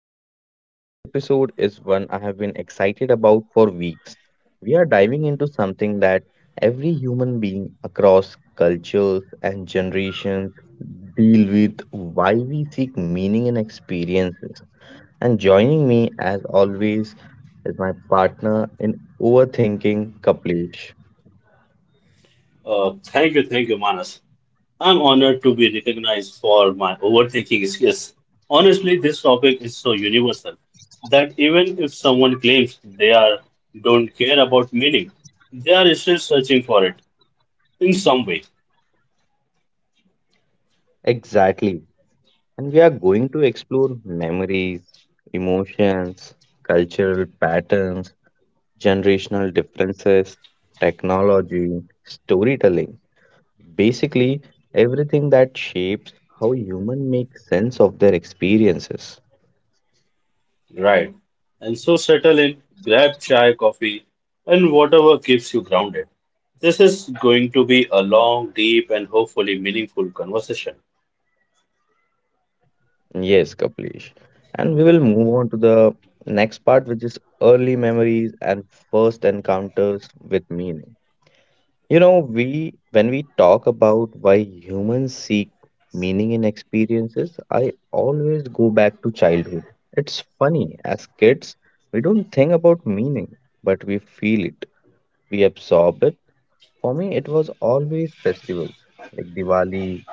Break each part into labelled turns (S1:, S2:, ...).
S1: Podcast. Today's episode is one I have been excited about for weeks. We are diving into something that every human being across cultures and generations deal with why we seek meaning in experiences. And joining me as always is my partner in overthinking, Kaplish.
S2: Thank you, Manas. I'm honored to be recognized for my overthinking skills. Honestly, this topic is so universal that even if someone claims they are don't care about meaning, they are still searching for it in some way,
S1: Exactly. And we are going to explore memories, emotions, cultural patterns generational differences, technology, storytelling, basically everything that shapes how human make sense of their experiences.
S2: right? And so settle in, grab chai, coffee, and whatever keeps you grounded. This is going to be a long, deep, and hopefully meaningful conversation.
S1: Yes, Kaplish. And we will move on to the next part, which is early memories and first encounters with meaning. You know, we when we talk about why humans seek meaning in experiences, I always go back to childhood. It's funny, as kids, we don't think about meaning, but we feel it. We absorb it. For me, it was always festivals like Diwali,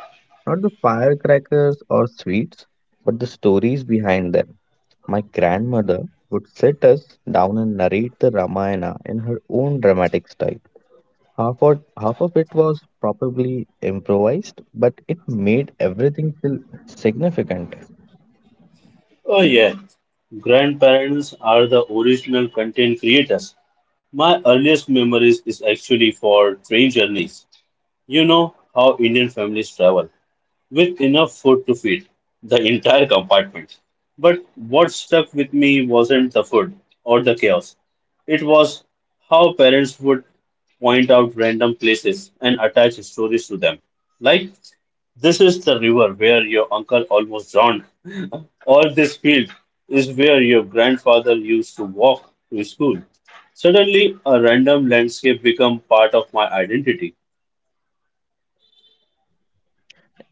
S1: not the firecrackers or sweets, but the stories behind them. My grandmother would sit us down and narrate the Ramayana in her own dramatic style. Half of it was probably improvised, but it made everything feel significant.
S2: Oh, yeah. Grandparents are the original content creators. My earliest memories is actually for train journeys. You know how Indian families travel with enough food to feed the entire compartment. But what stuck with me wasn't the food or the chaos. It was how parents would point out random places and attach stories to them. Like, this is the river where your uncle almost drowned or this field is where your grandfather used to walk to school. Suddenly, a random landscape become part of my identity.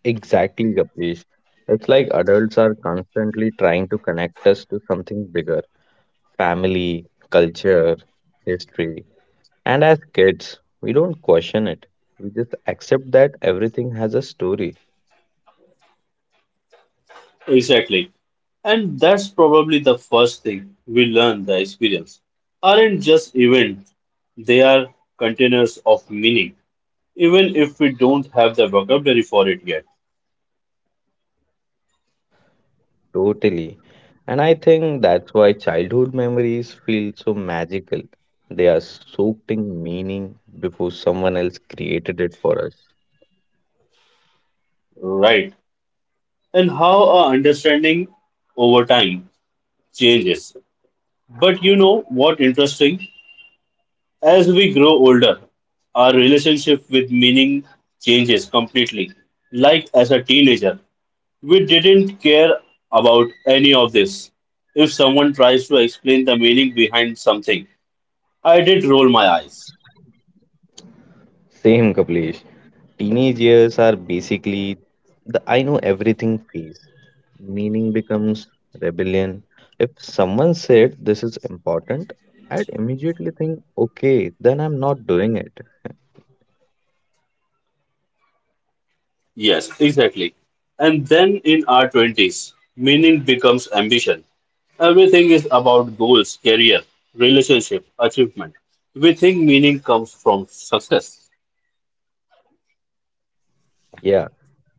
S1: Exactly, Kapish. It's like adults are constantly trying to connect us to something bigger, family, culture, history. And as kids, we don't question it. We just accept that everything has a story.
S2: Exactly. And that's probably the first thing we learn the experience. Aren't just events, they are containers of meaning, even if we don't have the vocabulary for it yet.
S1: Totally. And I think that's why childhood memories feel so magical. They are soaked in meaning before someone else created it for us.
S2: Right. And how our understanding over time changes. But you know what interesting? As we grow older, our relationship with meaning changes completely. Like as a teenager, we didn't care about any of this. If someone tries to explain the meaning behind something, I did roll my eyes.
S1: Same, Kapilesh. Teenage years are basically the I know everything phase. Meaning becomes rebellion. If someone said this is important, I'd immediately think, okay, then I'm not doing it.
S2: Yes, exactly. And then in our 20s, meaning becomes ambition. Everything is about goals, career, relationship, achievement. We think meaning comes from success.
S1: Yeah,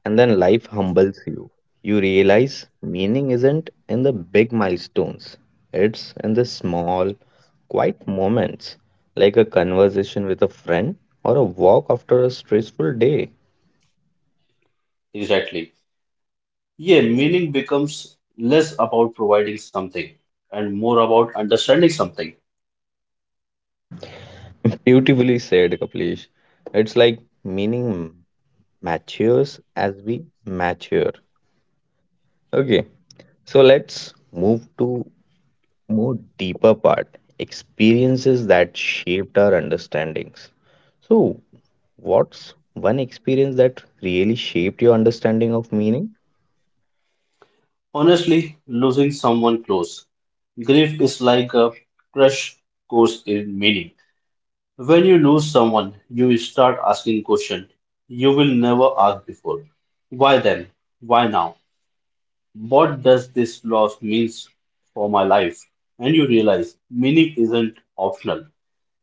S1: and then life humbles you. You realize meaning isn't in the big milestones, it's in the small, quiet moments, like a conversation with a friend or a walk after a stressful day.
S2: Exactly. Yeah, meaning becomes less about providing something and more about understanding something.
S1: Beautifully said, Kaplish. It's like meaning matures as we mature. Okay, so let's move to more deeper part experiences that shaped our understandings. So, what's one experience that really shaped your understanding of meaning?
S2: Honestly, losing someone close. Grief is like a crash course in meaning. When you lose someone, you start asking questions you will never ask before. Why then? Why now? What does this loss means for my life? And you realize meaning isn't optional.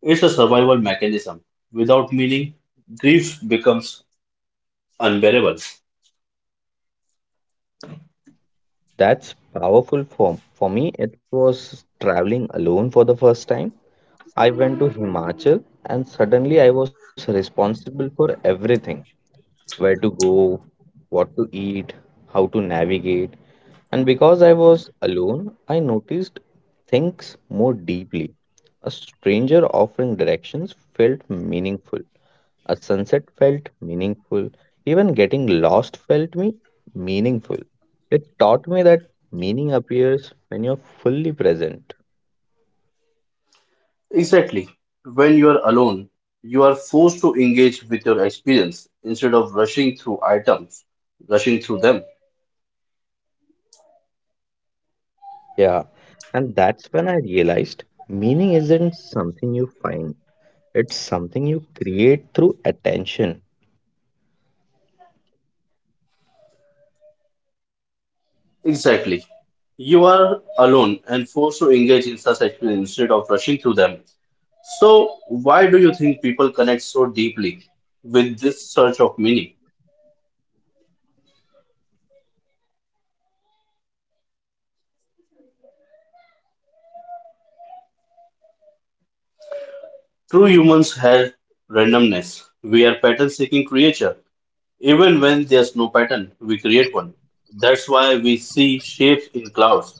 S2: It's a survival mechanism. Without meaning, grief becomes unbearable.
S1: That's powerful for me. It was traveling alone for the first time. I went to Himachal and suddenly I was responsible for everything where to go, what to eat, how to navigate. And because I was alone, I noticed things more deeply. A stranger offering directions felt meaningful. A sunset felt meaningful. Even getting lost felt me meaningful. It taught me that meaning appears when you're fully present.
S2: Exactly. When you are alone, you are forced to engage with your experience instead of rushing through them.
S1: Yeah. And that's when I realized meaning isn't something you find, it's something you create through attention.
S2: Exactly. You are alone and forced to engage in such experience instead of rushing through them. So, why do you think people connect so deeply with this search of meaning? True humans have randomness. We are pattern seeking creature. Even when there's no pattern, we create one. That's why we see shapes in clouds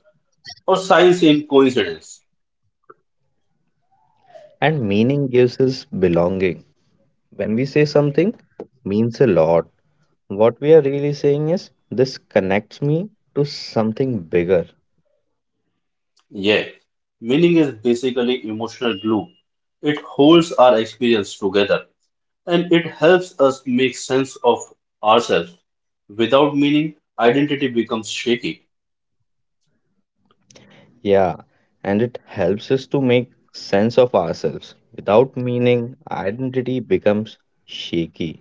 S2: or science in coincidence.
S1: And meaning gives us belonging. When we say something means a lot, what we are really saying is this connects me to something bigger.
S2: Yeah, meaning is basically emotional glue. It holds our experience together and it helps us make sense of ourselves. Without meaning, identity becomes shaky.
S1: Yeah, and it helps us to make sense of ourselves. Without meaning, identity becomes shaky.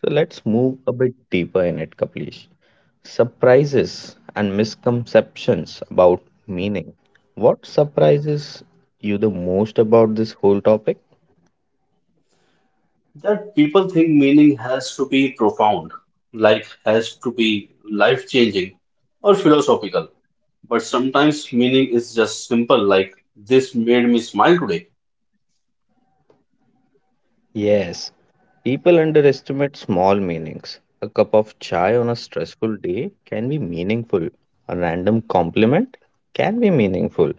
S1: So let's move a bit deeper in it, Kaplish. Surprises and misconceptions about meaning. What surprises you the most about this whole topic?
S2: That people think meaning has to be profound, like has to be life changing or philosophical. But sometimes meaning is just simple, like this made me smile today.
S1: Yes, people underestimate small meanings. A cup of chai on a stressful day can be meaningful. A random compliment can be meaningful.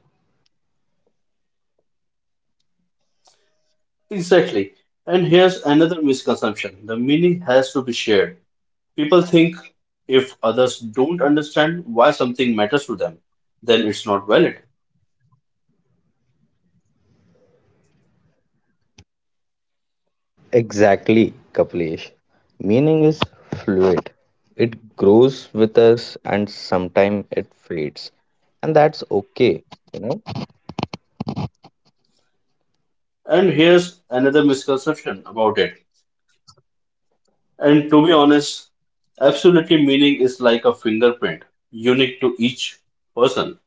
S2: Exactly. And here's another misconception the meaning has to be shared. People think if others don't understand why something matters to them, then it's not valid.
S1: Exactly, Kapilesh. Meaning is fluid. It grows with us and sometimes it fades. And that's okay, you know.
S2: And here's another misconception about it. And to be honest, absolutely meaning is like a fingerprint, unique to each person.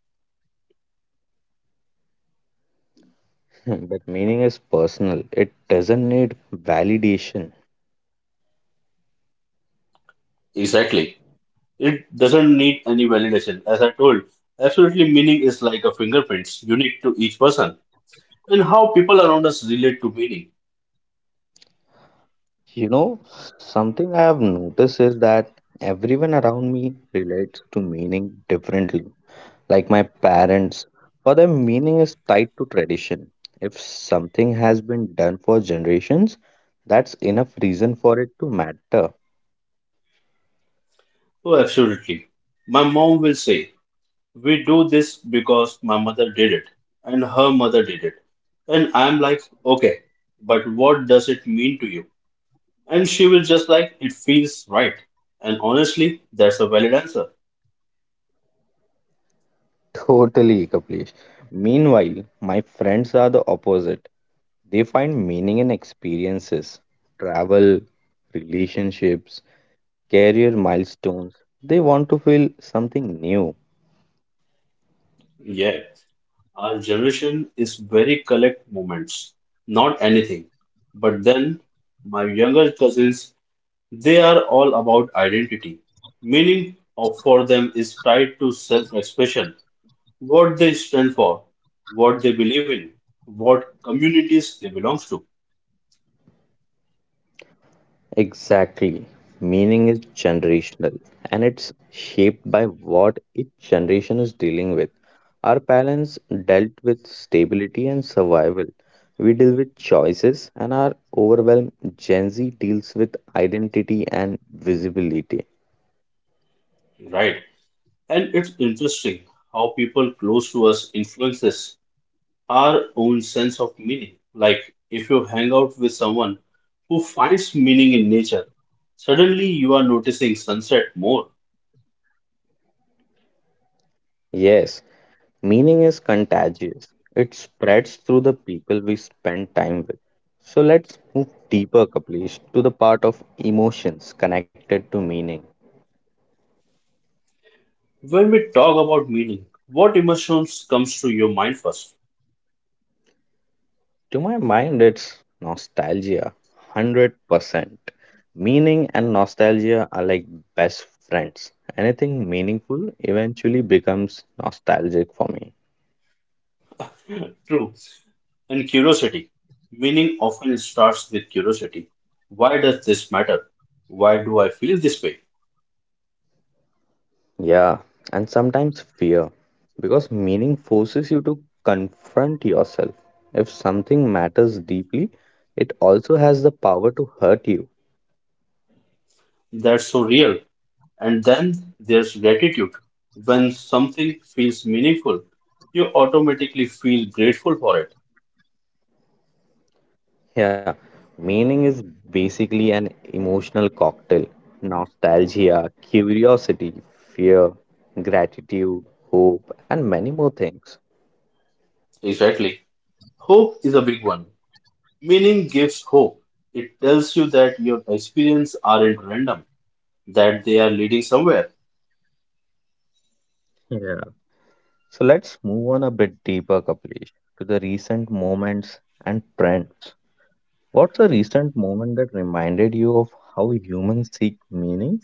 S1: But meaning is personal. It doesn't need validation.
S2: Exactly. It doesn't need any validation. As I told, absolutely meaning is like a fingerprint, unique to each person. And how people around us relate to meaning.
S1: You know, something I have noticed is that everyone around me relates to meaning differently. Like my parents, for them, meaning is tied to tradition. If something has been done for generations, that's enough reason for it to matter.
S2: Oh, absolutely. My mom will say, we do this because my mother did it and her mother did it. And I'm like, okay, but what does it mean to you? And she will just like, it feels right. And honestly, that's a valid answer.
S1: Totally, Kaplish. Meanwhile, my friends are the opposite. They find meaning in experiences, travel, relationships, career milestones. They want to feel something new.
S2: Yeah, our generation is very collect moments, not anything. But then my younger cousins, they are all about identity. Meaning of for them is tied to self-expression, what they stand for, what they believe in, what communities they belong to,
S1: Exactly. Meaning is generational and it's shaped by what each generation is dealing with. Our parents dealt with stability and survival. We deal with choices, and our overwhelmed Gen Z deals with identity and visibility.
S2: right? And it's interesting how people close to us influences our own sense of meaning. Like if you hang out with someone who finds meaning in nature, suddenly you are noticing sunset more.
S1: Yes, meaning is contagious, it spreads through the people we spend time with. So let's move deeper, Kaplish, to the part of emotions connected to meaning.
S2: When we talk about meaning, what emotions comes to your mind first?
S1: To my mind, it's nostalgia, 100%. Meaning and nostalgia are like best friends. Anything meaningful eventually becomes nostalgic for me.
S2: True. And curiosity. Meaning often starts with curiosity. Why does this matter? Why do I feel this way?
S1: Yeah, and sometimes fear, because meaning forces you to confront yourself. If something matters deeply, it also has the power to hurt you.
S2: That's so real. And then there's gratitude. When something feels meaningful, you automatically feel grateful for it.
S1: Yeah, meaning is basically an emotional cocktail. Nostalgia, curiosity, fear, gratitude, hope, and many more things.
S2: Exactly. Hope is a big one. Meaning gives hope. It tells you that your experiences aren't random, that they are leading somewhere.
S1: Yeah. So let's move on a bit deeper, Kapilesh, to the recent moments and trends. What's a recent moment that reminded you of how humans seek meaning?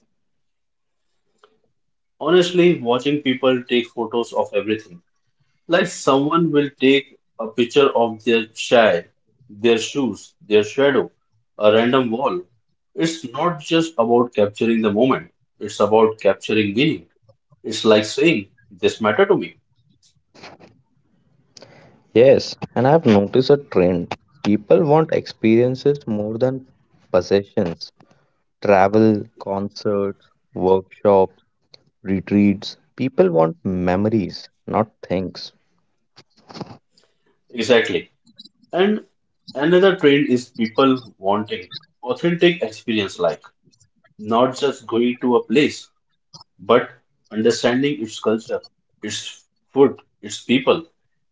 S2: Honestly, watching people take photos of everything. Like someone will take a picture of their child, their shoes, their shadow, a random wall. It's not just about capturing the moment, it's about capturing meaning. It's like saying, this matter to me.
S1: Yes, and I've noticed a trend. People want experiences more than possessions. Travel, concerts, workshops, retreats. People want memories, not things.
S2: Exactly. And another trend is people wanting authentic experience, like not just going to a place, but understanding its culture, its food, its people.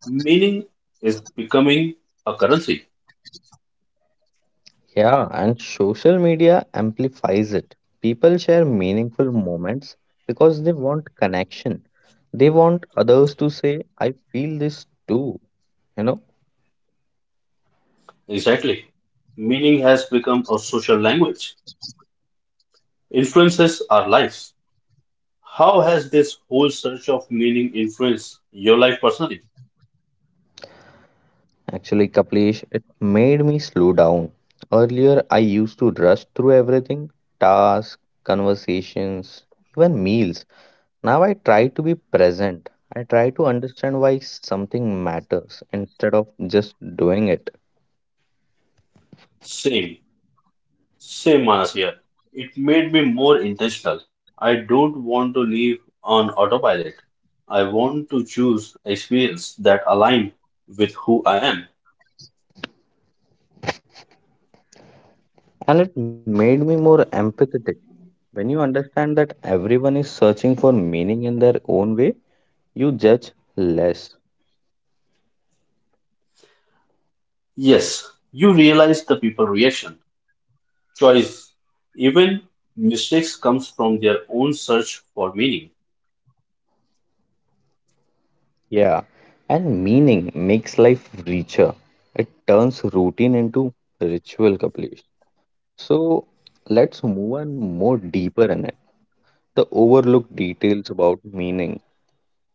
S2: Meaning is becoming a currency.
S1: Yeah, and social media amplifies it. People share meaningful moments because they want connection. They want others to say, I feel this too. You know?
S2: Exactly. Meaning has become a social language. Influences our lives. How has this whole search of meaning influenced your life personally?
S1: Actually, Kaplish, it made me slow down. Earlier, I used to rush through everything tasks, conversations, even meals. Now I try to be present. I try to understand why something matters instead of just doing it.
S2: Same, same, Manas here. It made me more intentional. I don't want to live on autopilot. I want to choose experience that align with who I am.
S1: And it made me more empathetic. When you understand that everyone is searching for meaning in their own way, you judge less.
S2: Yes, you realize the people reaction, choice, even mistakes comes from their own search for meaning.
S1: Yeah, and meaning makes life richer. It turns routine into ritual, Kapilesh. So let's move on more deeper in it. The overlooked details about meaning.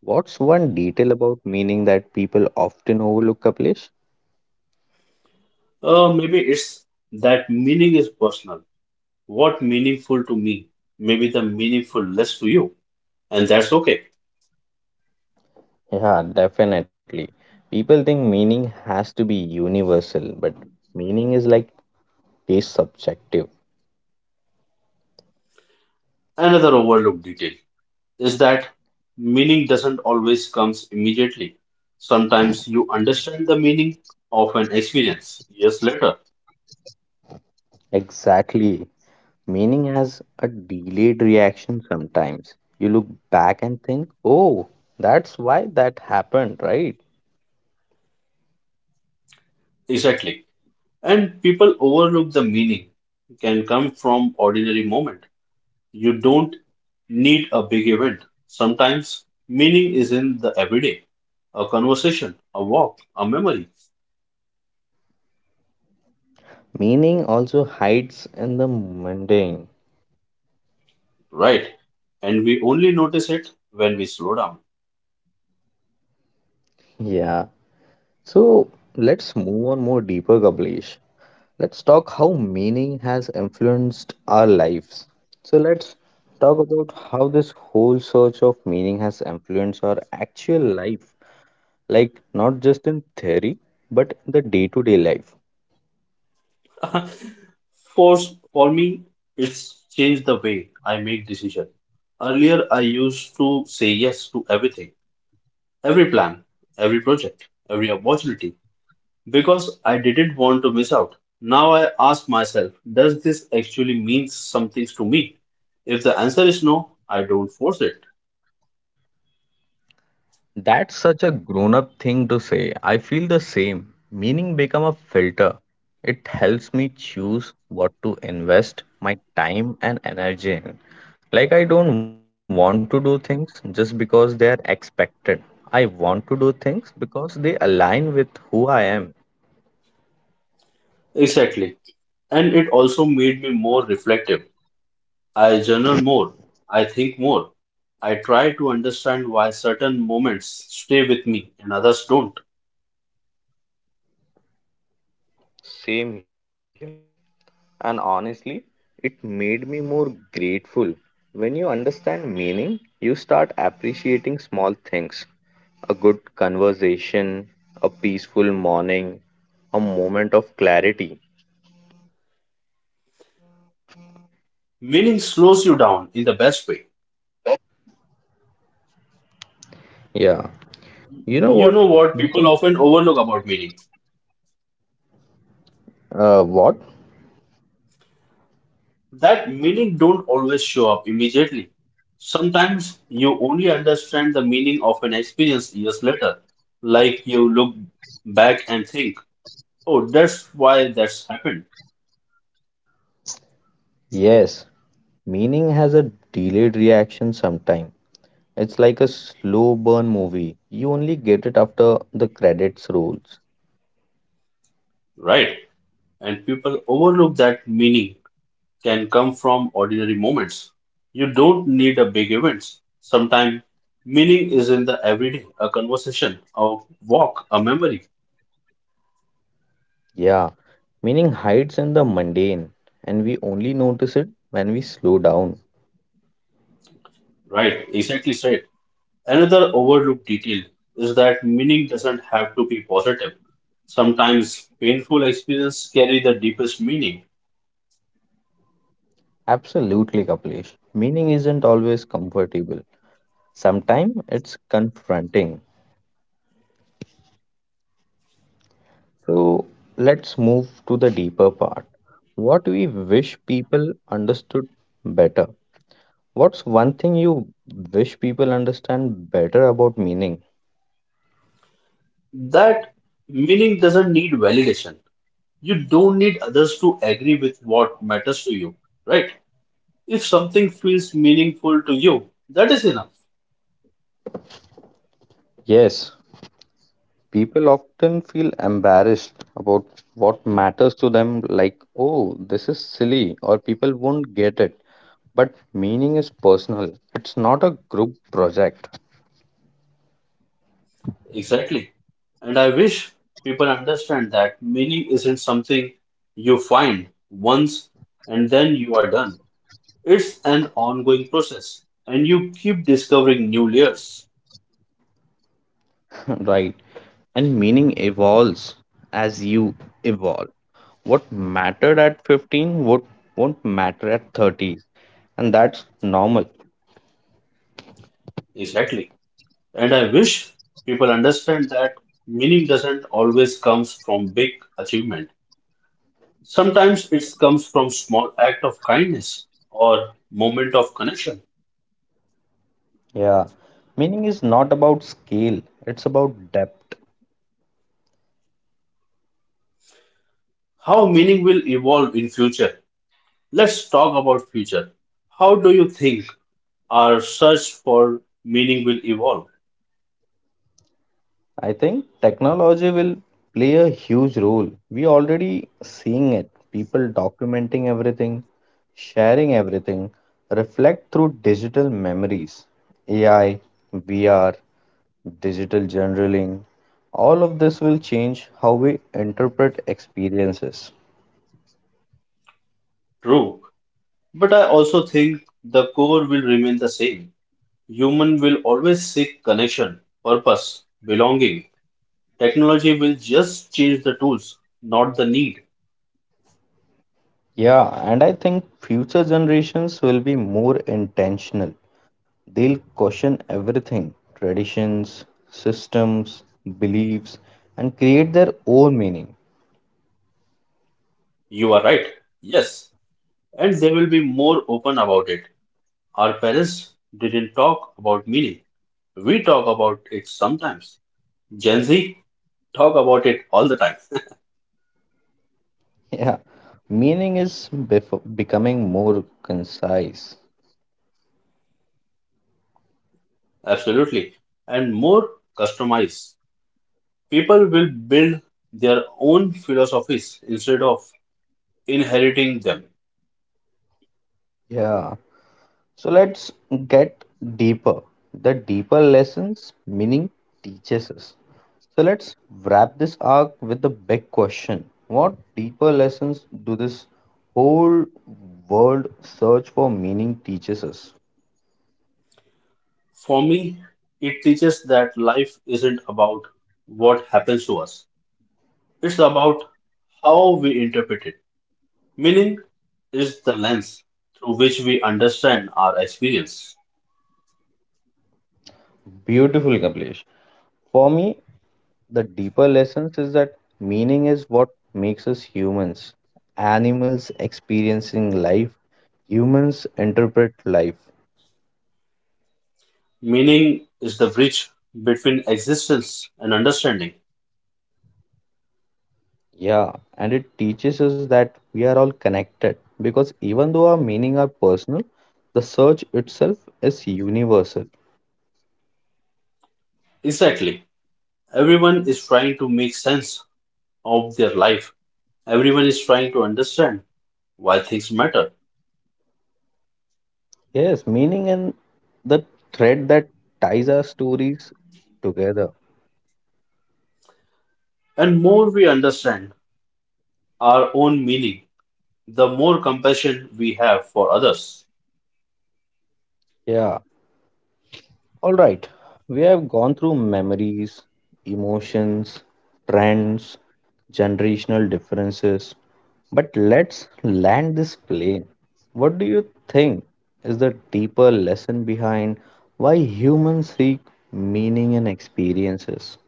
S1: What's one detail about meaning that people often overlook, Kapilesh?
S2: Maybe it's that meaning is personal. What meaningful to me? Maybe the meaningful less to you, and that's okay.
S1: Yeah, definitely. People think meaning has to be universal, but meaning is like taste subjective.
S2: Another overlooked detail is that meaning doesn't always comes immediately. Sometimes you understand the meaning of an experience years later.
S1: Exactly. Meaning has a delayed reaction sometimes. You look back and think, oh, that's why that happened, right?
S2: Exactly. And people overlook the meaning can come from ordinary moment. You don't need a big event. Sometimes meaning is in the everyday, a conversation, a walk, a memory,
S1: Meaning also hides in the mundane.
S2: right? And we only notice it when we slow down.
S1: Yeah. So let's move on more deeper, Kablish. Let's talk how meaning has influenced our lives. So let's talk about how this whole search of meaning has influenced our actual life, like not just in theory, but in the day-to-day life.
S2: For, for me, it's changed the way I make decision. Earlier, I used to say yes to everything, every plan, every project, every opportunity, because I didn't want to miss out. Now I ask myself, does this actually mean something to me? If the answer is no, I don't force it.
S1: That's such a grown-up thing to say. I feel the same. Meaning become a filter. It helps me choose what to invest my time and energy in. Like I don't want to do things just because they are expected. I want to do things because they align with who I am.
S2: Exactly. And it also made me more reflective. I journal more. I think more. I try to understand why certain moments stay with me and others don't. Meaning slows you down in the best way.
S1: Yeah. You know
S2: You
S1: what?
S2: know what people often overlook about meaning?
S1: What?
S2: That meaning don't always show up immediately. Sometimes you only understand the meaning of an experience years later, like you look back and think, oh, that's why that's happened,
S1: Yes. Meaning has a delayed reaction sometime. It's like a slow burn movie. You only get it after the credits rolls.
S2: right? And people overlook that meaning can come from ordinary moments. You don't need a big event. Sometimes meaning is in the everyday, a conversation, a walk, a memory,
S1: Yeah. Meaning hides in the mundane, and we only notice it when we slow down.
S2: right? Exactly right. Another overlooked detail is that meaning doesn't have to be positive. Sometimes painful experiences carry the deepest meaning.
S1: Absolutely, Kapilesh. Meaning isn't always comfortable. Sometimes it's confronting. So let's move to the deeper part. What we wish people understood better. What's one thing you wish people understand better about meaning?
S2: That meaning doesn't need validation. You don't need others to agree with what matters to you, right? If something feels meaningful to you, that is enough.
S1: Yes, people often feel embarrassed about what matters to them, like, oh, this is silly, or people won't get it. But meaning is personal, it's not a group project.
S2: Exactly. And I wish people understand that meaning isn't something you find once and then you are done. It's an ongoing process, and you keep discovering new layers.
S1: Right. And meaning evolves as you evolve. What mattered at 15 won't matter at 30, and that's normal.
S2: Exactly. And I wish people understand that meaning doesn't always comes from big achievement. Sometimes it comes from small act of kindness or moment of connection.
S1: Yeah, meaning is not about scale, it's about depth.
S2: How meaning will evolve in future? Let's talk about future. How do you think our search for meaning will evolve?
S1: I think technology will play a huge role. We already seeing it. People documenting everything, sharing everything, reflect through digital memories. AI, VR, digital journaling, all of this will change how we interpret experiences.
S2: True, but I also think the core will remain the same. Human will always seek connection, purpose, belonging. Technology will just change the tools, not the need.
S1: Yeah, and I think future generations will be more intentional. They'll question everything traditions, systems, beliefs, and create their own meaning.
S2: You are right. Yes. And they will be more open about it. Our parents didn't talk about meaning. We talk about it sometimes. Gen Z talk about it all the time.
S1: Yeah, meaning is becoming more concise.
S2: Absolutely. And more customized. People will build their own philosophies instead of inheriting them.
S1: Yeah, so let's get deeper. The deeper lessons meaning teaches us. So let's wrap this arc with the big question. What deeper lessons do this whole world search for meaning teaches us?
S2: For me, it teaches that life isn't about what happens to us, it's about how we interpret it. Meaning is the lens through which we understand our experience.
S1: Beautiful, Kamlesh. For me, the deeper lessons is that meaning is what makes us humans. Animals experiencing life, humans interpret life.
S2: Meaning is the bridge between existence and understanding.
S1: Yeah, and it teaches us that we are all connected because even though our meaning are personal, the search itself is universal.
S2: Exactly. Everyone is trying to make sense of their life, everyone is trying to understand why things matter.
S1: Yes, meaning and the thread that ties our stories together.
S2: And more we understand our own meaning, the more compassion we have for others.
S1: Yeah, all right, we have gone through memories, emotions, trends, generational differences, but let's land this plane. What do you think is the deeper lesson behind why humans seek meaning in experiences?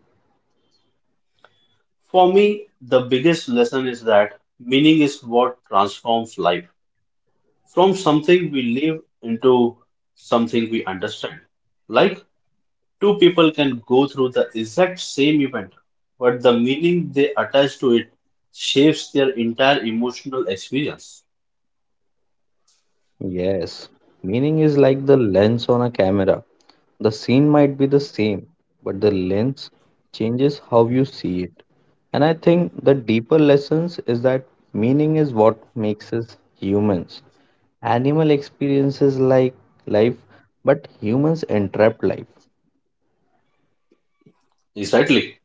S2: For me, the biggest lesson is that meaning is what transforms life from something we live into something we understand. Like two people can go through the exact same event, but the meaning they attach to it shapes their entire emotional experience.
S1: Yes, meaning is like the lens on a camera. The scene might be the same, but the lens changes how you see it. And I think the deeper lessons is that meaning is what makes us humans. Animal experiences like life, but humans entrap life.
S2: Exactly.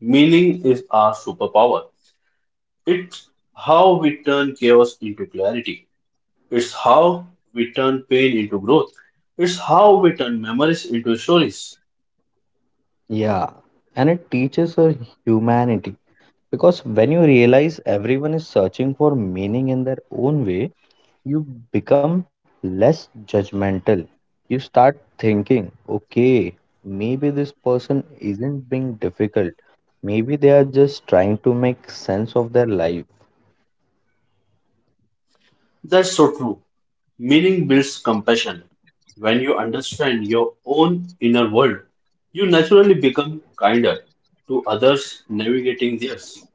S2: Meaning is our superpower. It's how we turn chaos into clarity. It's how we turn pain into growth. It's how we turn memories into stories.
S1: Yeah, and it teaches her humanity because when you realize everyone is searching for meaning in their own way, you become less judgmental. You start thinking, okay, maybe this person isn't being difficult. Maybe they are just trying to make sense of their life.
S2: That's so true. Meaning builds compassion. When you understand your own inner world, you naturally become kinder to others navigating theirs.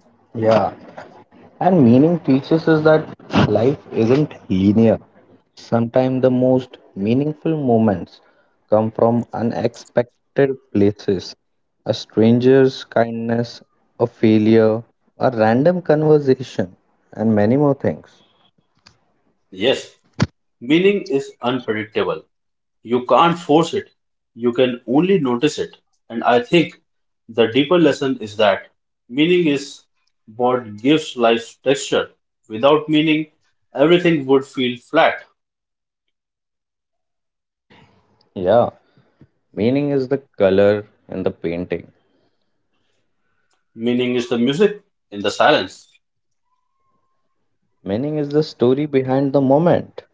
S1: Yeah. And meaning teaches us that life isn't linear. Sometimes the most meaningful moments come from unexpected places. A stranger's kindness, a failure, a random conversation, and many more things.
S2: Yes, meaning is unpredictable. You can't force it, you can only notice it. And I think the deeper lesson is that meaning is what gives life texture. Without meaning, everything would feel flat.
S1: Yeah, meaning is the color in the painting.
S2: Meaning is the music in the silence,
S1: Meaning is the story behind the moment.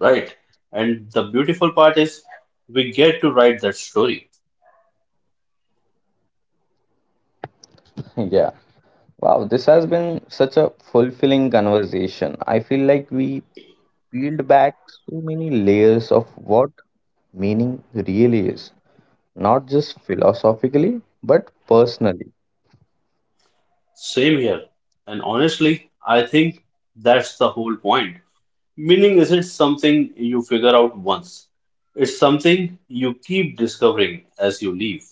S2: right? And the beautiful part is we get to write that story.
S1: Yeah. Wow, this has been such a fulfilling conversation. I feel like we peeled back so many layers of what meaning really is, not just philosophically, but personally.
S2: Same here. And honestly, I think that's the whole point. Meaning isn't something you figure out once. It's something you keep discovering as you leave.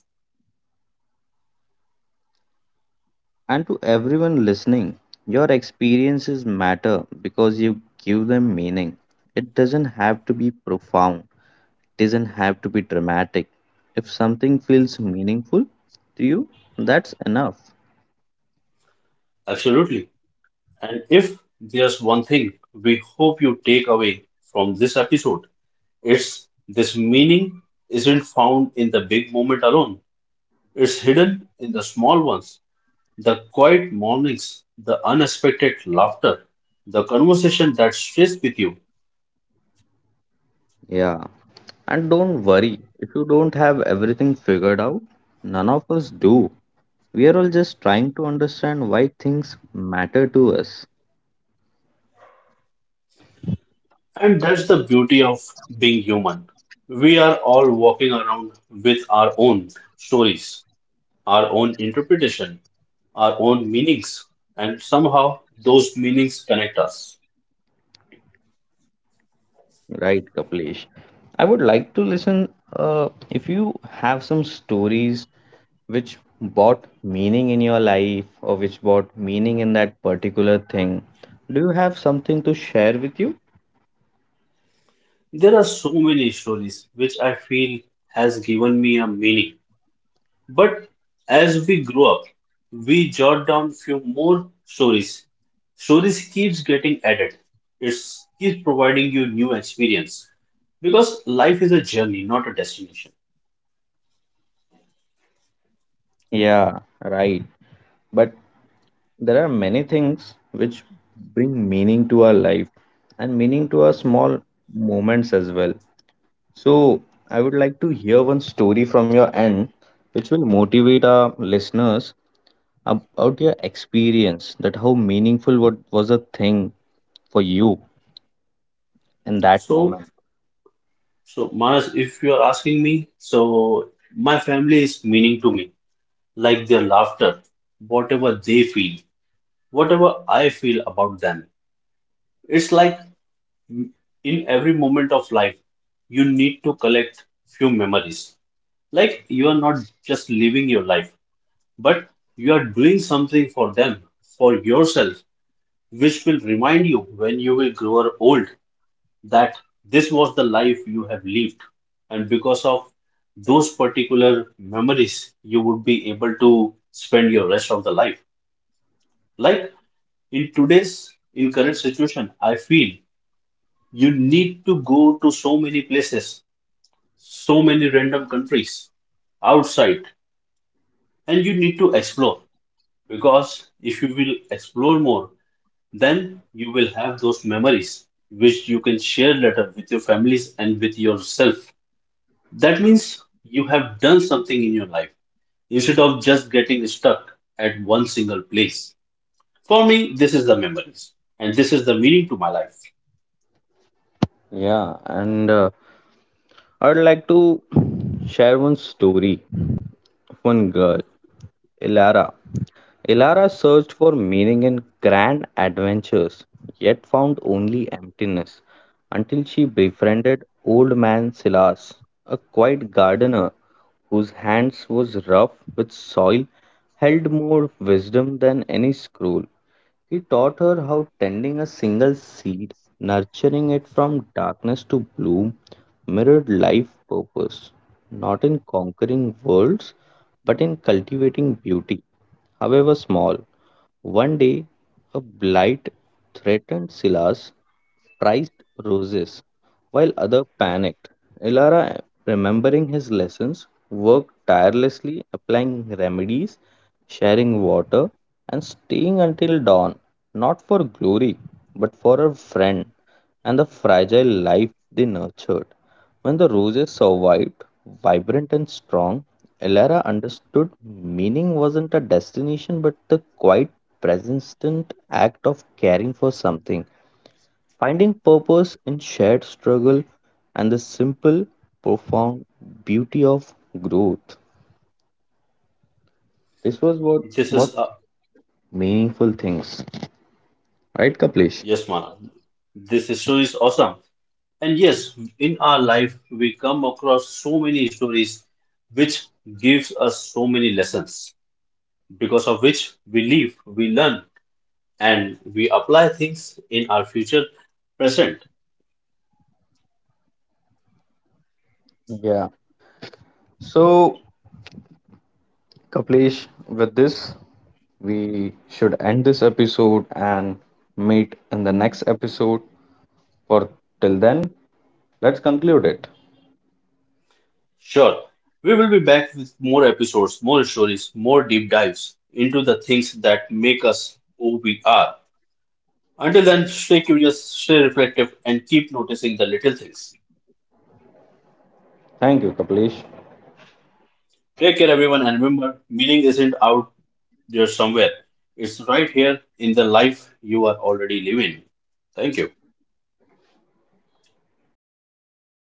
S1: And to everyone listening, your experiences matter because you give them meaning. It doesn't have to be profound, doesn't have to be dramatic. If something feels meaningful to you, that's enough.
S2: Absolutely. And if there's one thing we hope you take away from this episode, it's this meaning isn't found in the big moment alone. It's hidden in the small ones, the quiet mornings, the unexpected laughter, the conversation that stays with you.
S1: Yeah. And don't worry, if you don't have everything figured out, none of us do. We are all just trying to understand why things matter to us,
S2: And that's the beauty of being human. We are all walking around with our own stories, our own interpretation, our own meanings, and somehow those meanings connect us.
S1: right, Kaplesh? I would like to listen if you have some stories which brought meaning in your life or which brought meaning in that particular thing. Do you have something to share with you?
S2: There are so many stories which I feel has given me a meaning. But as we grow up, we jot down few more stories. Stories keeps getting added. It keeps providing you new experience because life is a journey, not a destination.
S1: Yeah, right. But there are many things which bring meaning to our life and meaning to our small moments as well. So, I would like to hear one story from your end, which will motivate our listeners about your experience, that how meaningful what was a thing for you in that
S2: So,
S1: moment.
S2: so, Manas, if you are asking me, so my family is meaning to me, like their laughter, whatever they feel, whatever I feel about them. It's like in every moment of life, you need to collect few memories. Like you are not just living your life, but you are doing something for them, for yourself, which will remind you when you will grow old that this was the life you have lived. And because of those particular memories, you would be able to spend your rest of the life. Like in current situation, I feel you need to go to so many places, so many random countries outside, and you need to explore because if you will explore more, then you will have those memories which you can share later with your families and with yourself. That means you have done something in your life instead of just getting stuck at one single place. For me, this is the memories and this is the meaning to my life.
S1: Yeah, and I would like to share one story of one girl, Ilara. Ilara searched for meaning in grand adventures, yet found only emptiness until she befriended old man Silas, a quiet gardener whose hands was rough with soil held more wisdom than any scroll. He taught her how tending a single seed, nurturing it from darkness to bloom, mirrored life purpose, not in conquering worlds, but in cultivating beauty, however small. One day, a blight threatened Silas, priced roses, while others panicked. Ilara, remembering his lessons, worked tirelessly, applying remedies, sharing water, and staying until dawn, not for glory, but for her friend and the fragile life they nurtured. When the roses survived, vibrant and strong, Elara understood meaning wasn't a destination but the quiet, persistent act of caring for something finding purpose in shared struggle and the simple, profound beauty of growth. This was
S2: This
S1: what
S2: is, uh,
S1: meaningful things, right, Kaplish?
S2: yes, Mana, this is- story is awesome. And yes, in our life, we come across so many stories which gives us so many lessons because of which we live, we learn, and we apply things in our future present.
S1: Yeah. So, Kaplesh, with this, we should end this episode and meet in the next episode. For till then, let's conclude it.
S2: Sure, we will be back with more episodes, more stories, more deep dives into the things that make us who we are. Until then, stay curious, stay reflective, and keep noticing the little things.
S1: Thank you, Kaplesh.
S2: Take care, everyone, and remember meaning isn't out there somewhere, it's right here in the life you are already living. Thank you.